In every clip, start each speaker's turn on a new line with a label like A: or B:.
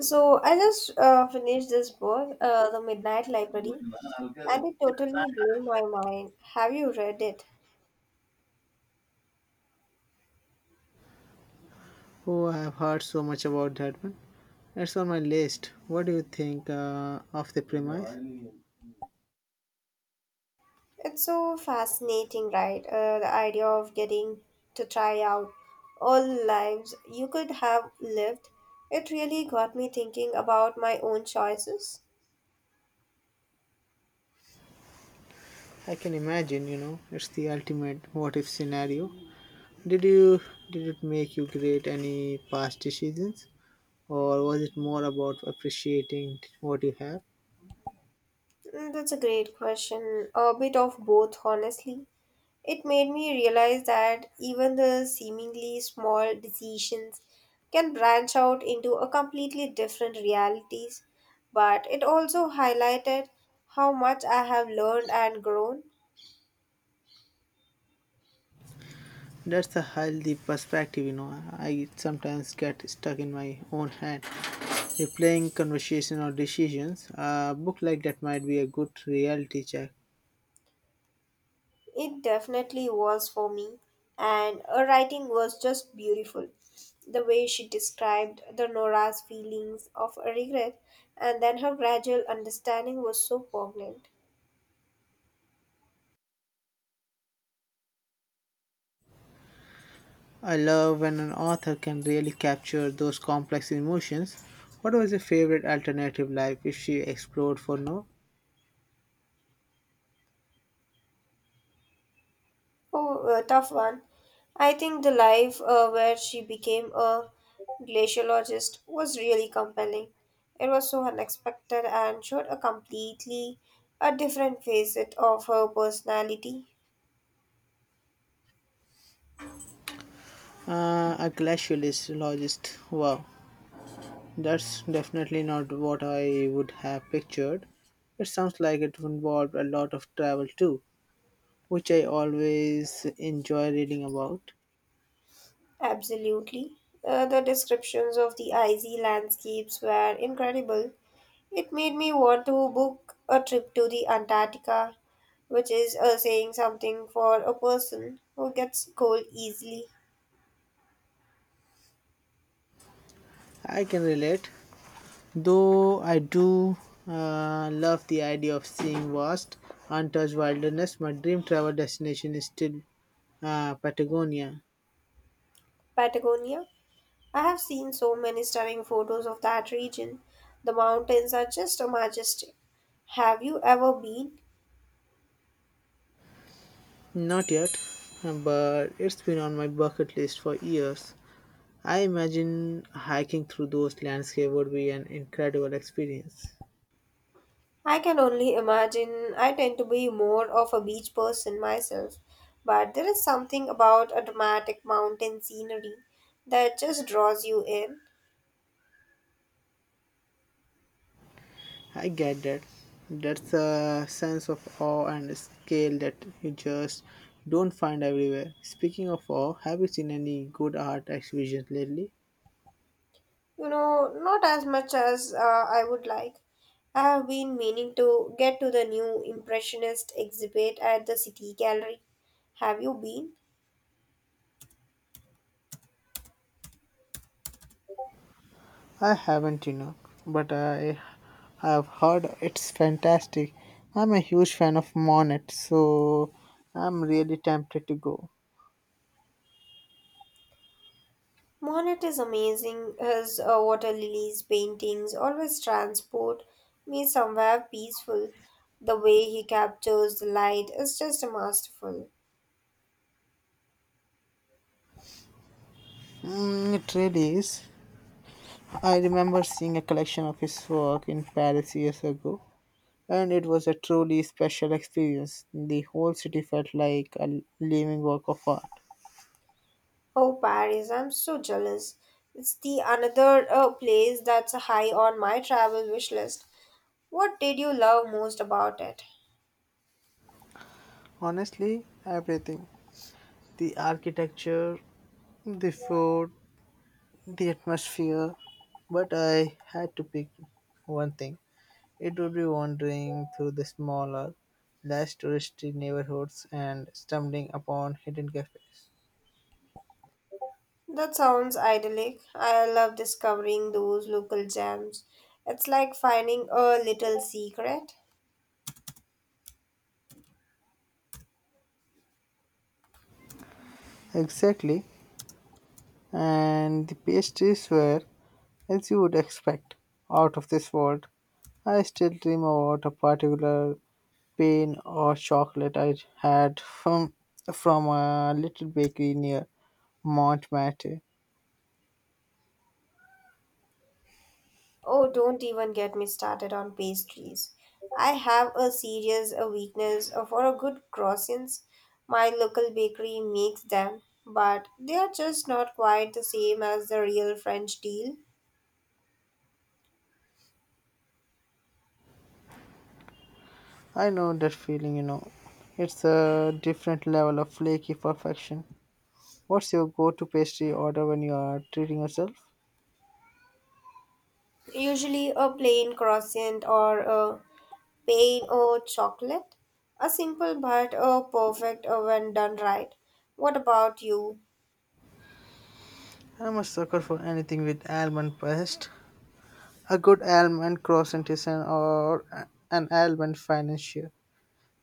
A: So I just finished this book, The Midnight Library, and it totally blew my mind. Have you read it?
B: Oh, I've heard so much about that one. It's on my list. What do you think of the premise?
A: It's so fascinating, right? The idea of getting to try out all the lives you could have lived. It really got me thinking about my own choices.
B: I can imagine, you know, it's the ultimate what if scenario. Did you did it make you create any past decisions or was it more about appreciating what you have?
A: Mm, that's a great question. A bit of both, honestly. It made me realize that even the seemingly small decisions can branch out into a completely different realities, but it also highlighted how much I have learned and grown.
B: That's a healthy perspective, you know. I sometimes get stuck in my own head replaying conversation or decisions. A book like that might be a good reality check.
A: It definitely was for me, and her writing was just beautiful. The way she described the Nora's feelings of regret and then her gradual understanding was so poignant.
B: I love when an author can really capture those complex emotions. What was your favorite alternative life if she explored for no?
A: Oh, a tough one. I think the life where she became a glaciologist was really compelling. It was so unexpected and showed a completely a different facet of her personality.
B: A glaciologist. Wow, that's definitely not what I would have pictured. It sounds like it involved a lot of travel too, which I always enjoy reading about.
A: Absolutely. The descriptions of the icy landscapes were incredible. It made me want to book a trip to the Antarctica, which is saying something for a person who gets cold easily.
B: I can relate. Though I do love the idea of seeing vast, untouched wilderness, my dream travel destination is still Patagonia.
A: Patagonia. I have seen so many stunning photos of that region. The mountains are just majestic. Have you ever been?
B: Not yet, but it's been on my bucket list for years. I imagine hiking through those landscapes would be an incredible experience.
A: I can only imagine. I tend to be more of a beach person myself, but there is something about a dramatic mountain scenery that just draws you in.
B: I get that. That's a sense of awe and scale that you just don't find everywhere. Speaking of awe, have you seen any good art exhibitions lately?
A: You know, not as much as I would like. I have been meaning to get to the new Impressionist exhibit at the City Gallery. Have you been?
B: I haven't, you know, but I have heard it's fantastic. I'm a huge fan of Monet, so I'm really tempted to go.
A: Monet is amazing. His water lilies paintings always transport me somewhere peaceful. The way he captures the light is just masterful.
B: Mm, it really is. I remember seeing a collection of his work in Paris years ago, and it was a truly special experience. The whole city felt like a living work of art.
A: Oh, Paris, I'm so jealous. It's the another place that's high on my travel wish list. What did you love most about it?
B: Honestly, everything the architecture, the food, the atmosphere, but I had to pick one thing. It would be wandering through the smaller, less touristy neighborhoods and stumbling upon hidden cafes.
A: That sounds idyllic. I love discovering those local gems. It's like finding a little secret.
B: Exactly, and the pastries were, as you would expect, out of this world. I still dream about a particular pain or chocolate I had from a little bakery near Montmartre.
A: Oh, don't even get me started on pastries. I have a serious a weakness for a good croissants. My local bakery makes them, but they are just not quite the same as the real French deal.
B: I know that feeling, you know. It's a different level of flaky perfection. What's your go to pastry order when you are treating yourself?
A: Usually a plain croissant or a pain au chocolate. A simple but a perfect when done right. What about you?
B: I'm a sucker for anything with almond paste. A good almond croissant is an an almond financier.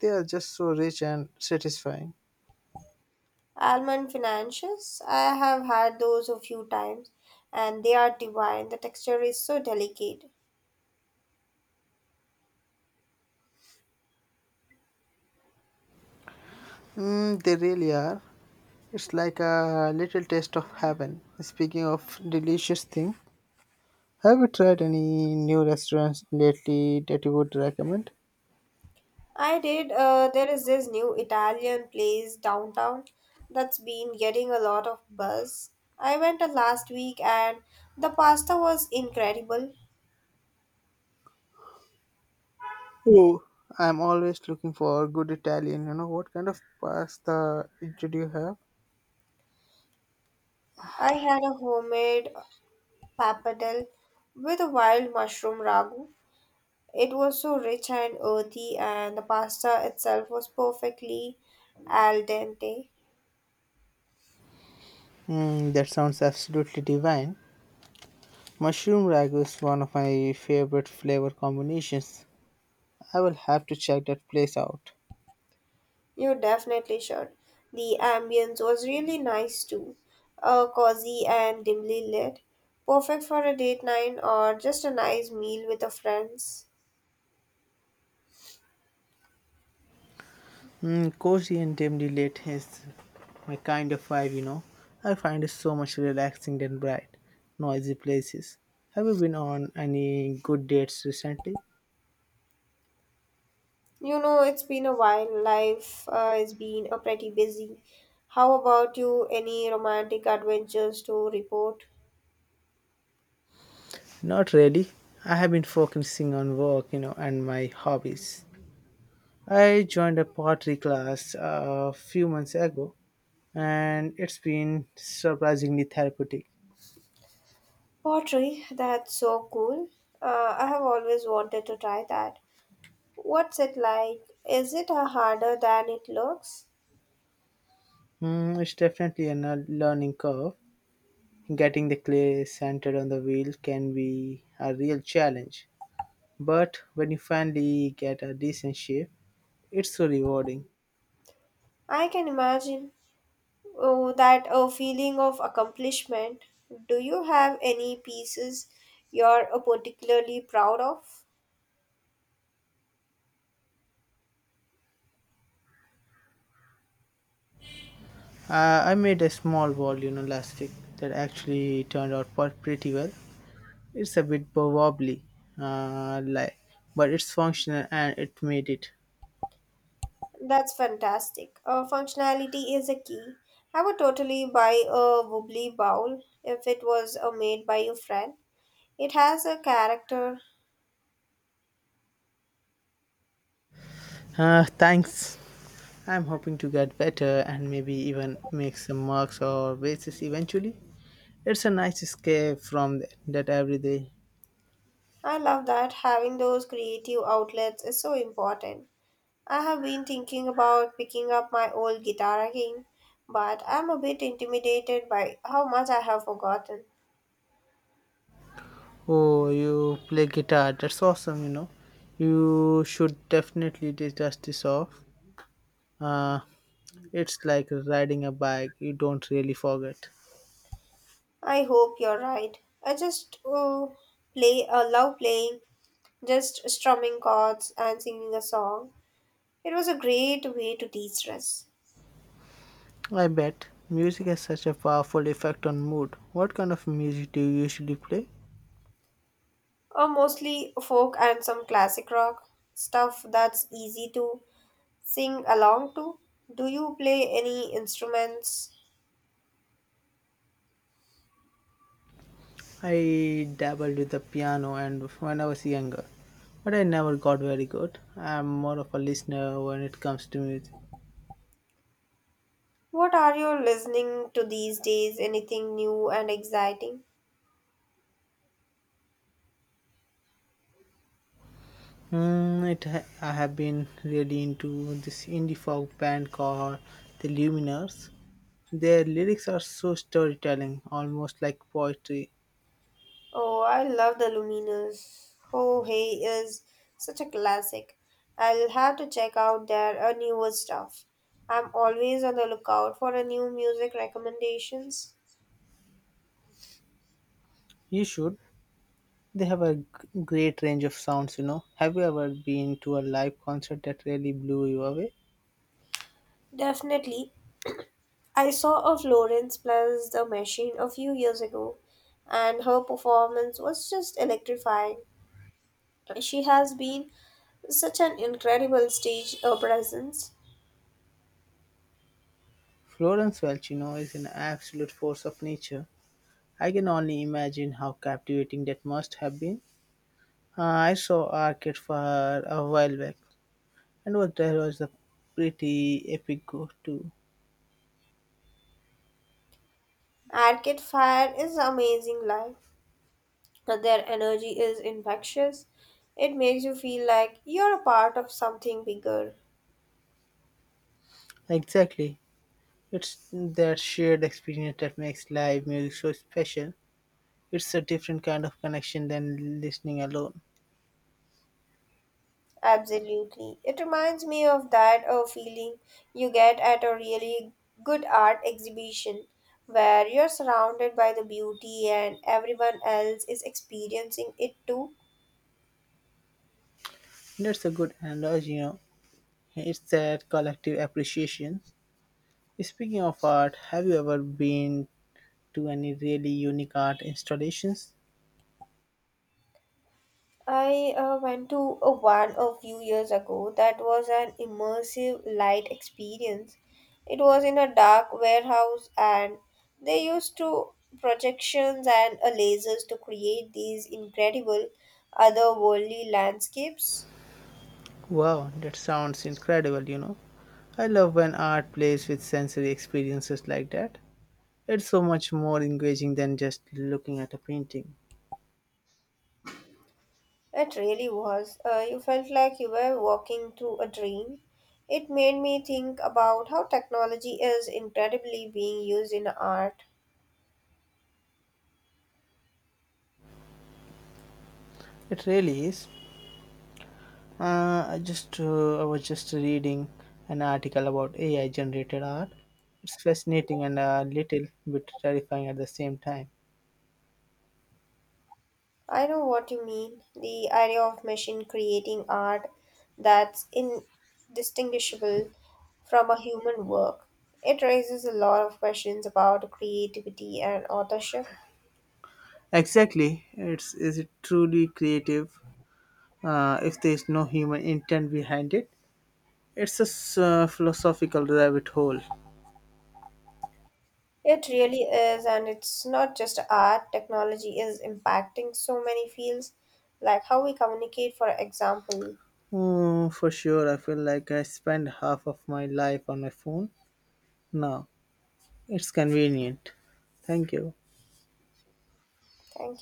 B: They are just so rich and satisfying.
A: Almond financials, I have had those a few times and they are divine. The texture is so delicate.
B: Mm, they really are. It's like a little taste of heaven. Speaking of delicious thing, have you tried any new restaurants lately that you would recommend?
A: I did, there is this new Italian place downtown that's been getting a lot of buzz. I went last week and the pasta was incredible.
B: Oh, I'm always looking for good Italian. You know, what kind of pasta did you have?
A: I had a homemade pappardelle with a wild mushroom ragu. It was so rich and earthy, and the pasta itself was perfectly al dente.
B: Mm, that sounds absolutely divine. Mushroom ragu is one of my favorite flavor combinations. I will have to check that place out.
A: You definitely should. The ambience was really nice too, cozy and dimly lit, perfect for a date night or just a nice meal with the friends.
B: Mm, cozy and dimly lit is my kind of vibe, you know. I find it so much relaxing than bright, noisy places. Have you been on any good dates recently?
A: You know, it's been a while. Life has been a pretty busy. How about you? Any romantic adventures to report?
B: Not really. I have been focusing on work, you know, and my hobbies. I joined a pottery class a few months ago, and it's been surprisingly therapeutic.
A: Pottery, that's so cool. I have always wanted to try that. What's it like? Is it harder than it looks?
B: Mm, it's definitely a learning curve. Getting the clay centered on the wheel can be a real challenge, but when you finally get a decent shape, it's so rewarding.
A: I can imagine. Oh, that a feeling of accomplishment. Do you have any pieces you're particularly proud of?
B: I made a small ball, you know, last week that actually turned out pretty well. It's a bit wobbly, uh, like, but it's functional and it made it.
A: That's fantastic. Functionality is a key. I would totally buy a wobbly bowl if it was made by a friend. It has a character.
B: Thanks. I'm hoping to get better and maybe even make some marks or bases eventually. It's a nice escape from that every day.
A: I love that having those creative outlets is so important. I have been thinking about picking up my old guitar again, but I'm a bit intimidated by how much I have forgotten.
B: Oh, you play guitar. That's awesome, you know. You should definitely dust this off. Uh, it's like riding a bike, you don't really forget.
A: I hope you're right. I just play love playing, just strumming chords and singing a song. It was a great way to de-stress.
B: I bet music has such a powerful effect on mood. What kind of music do you usually play?
A: Mostly folk and some classic rock stuff that's easy to sing along to. Do you play any instruments?
B: I dabbled with the piano and when I was younger, but I never got very good. I'm more of a listener when it comes to music.
A: What are you listening to these days? Anything new and exciting?
B: I have been really into this indie folk band called The Luminers. Their lyrics are so storytelling, almost like poetry.
A: Oh, I love the Lumineers. Oh, hey is such a classic. I'll have to check out their newer stuff. I'm always on the lookout for a new music recommendations.
B: You should. They have a great range of sounds, you know. Have you ever been to a live concert that really blew you away?
A: Definitely. I saw a Florence plus the Machine a few years ago, and her performance was just electrifying. She has been such an incredible stage presence.
B: Florence Welch, you know, is an absolute force of nature. I can only imagine how captivating that must have been. I saw Arcade Fire a while back, and what there was a pretty epic go too.
A: Arcade Fire is amazing live. And Their energy is infectious. It makes you feel like you're a part of something bigger.
B: Exactly. It's that shared experience that makes live music so special. It's a different kind of connection than listening alone.
A: Absolutely. It reminds me of that feeling you get at a really good art exhibition where you're surrounded by the beauty and everyone else is experiencing it too.
B: That's a good analogy, you know. It's that collective appreciation. Speaking of art, have you ever been to any really unique art installations?
A: I went to a one a few years ago that was an immersive light experience. It was in a dark warehouse and they used to projections and lasers to create these incredible otherworldly landscapes.
B: Wow, that sounds incredible, you know. I love when art plays with sensory experiences like that. It's so much more engaging than just looking at a painting.
A: It really was. You felt like you were walking through a dream. It made me think about how technology is incredibly being used in art.
B: It really is. I was just reading an article about AI generated art. It's fascinating and a little bit terrifying at the same time.
A: I know what you mean. The idea of machine creating art that's indistinguishable from a human work. It raises a lot of questions about creativity and authorship.
B: Exactly. It's is it truly creative if there is no human intent behind it? It's a philosophical rabbit hole.
A: It really is, and it's not just art. Technology is impacting so many fields, like how we communicate, for example.
B: Oh, for sure, I feel like I spend half of my life on my phone now. It's convenient. Thank you.
A: Thank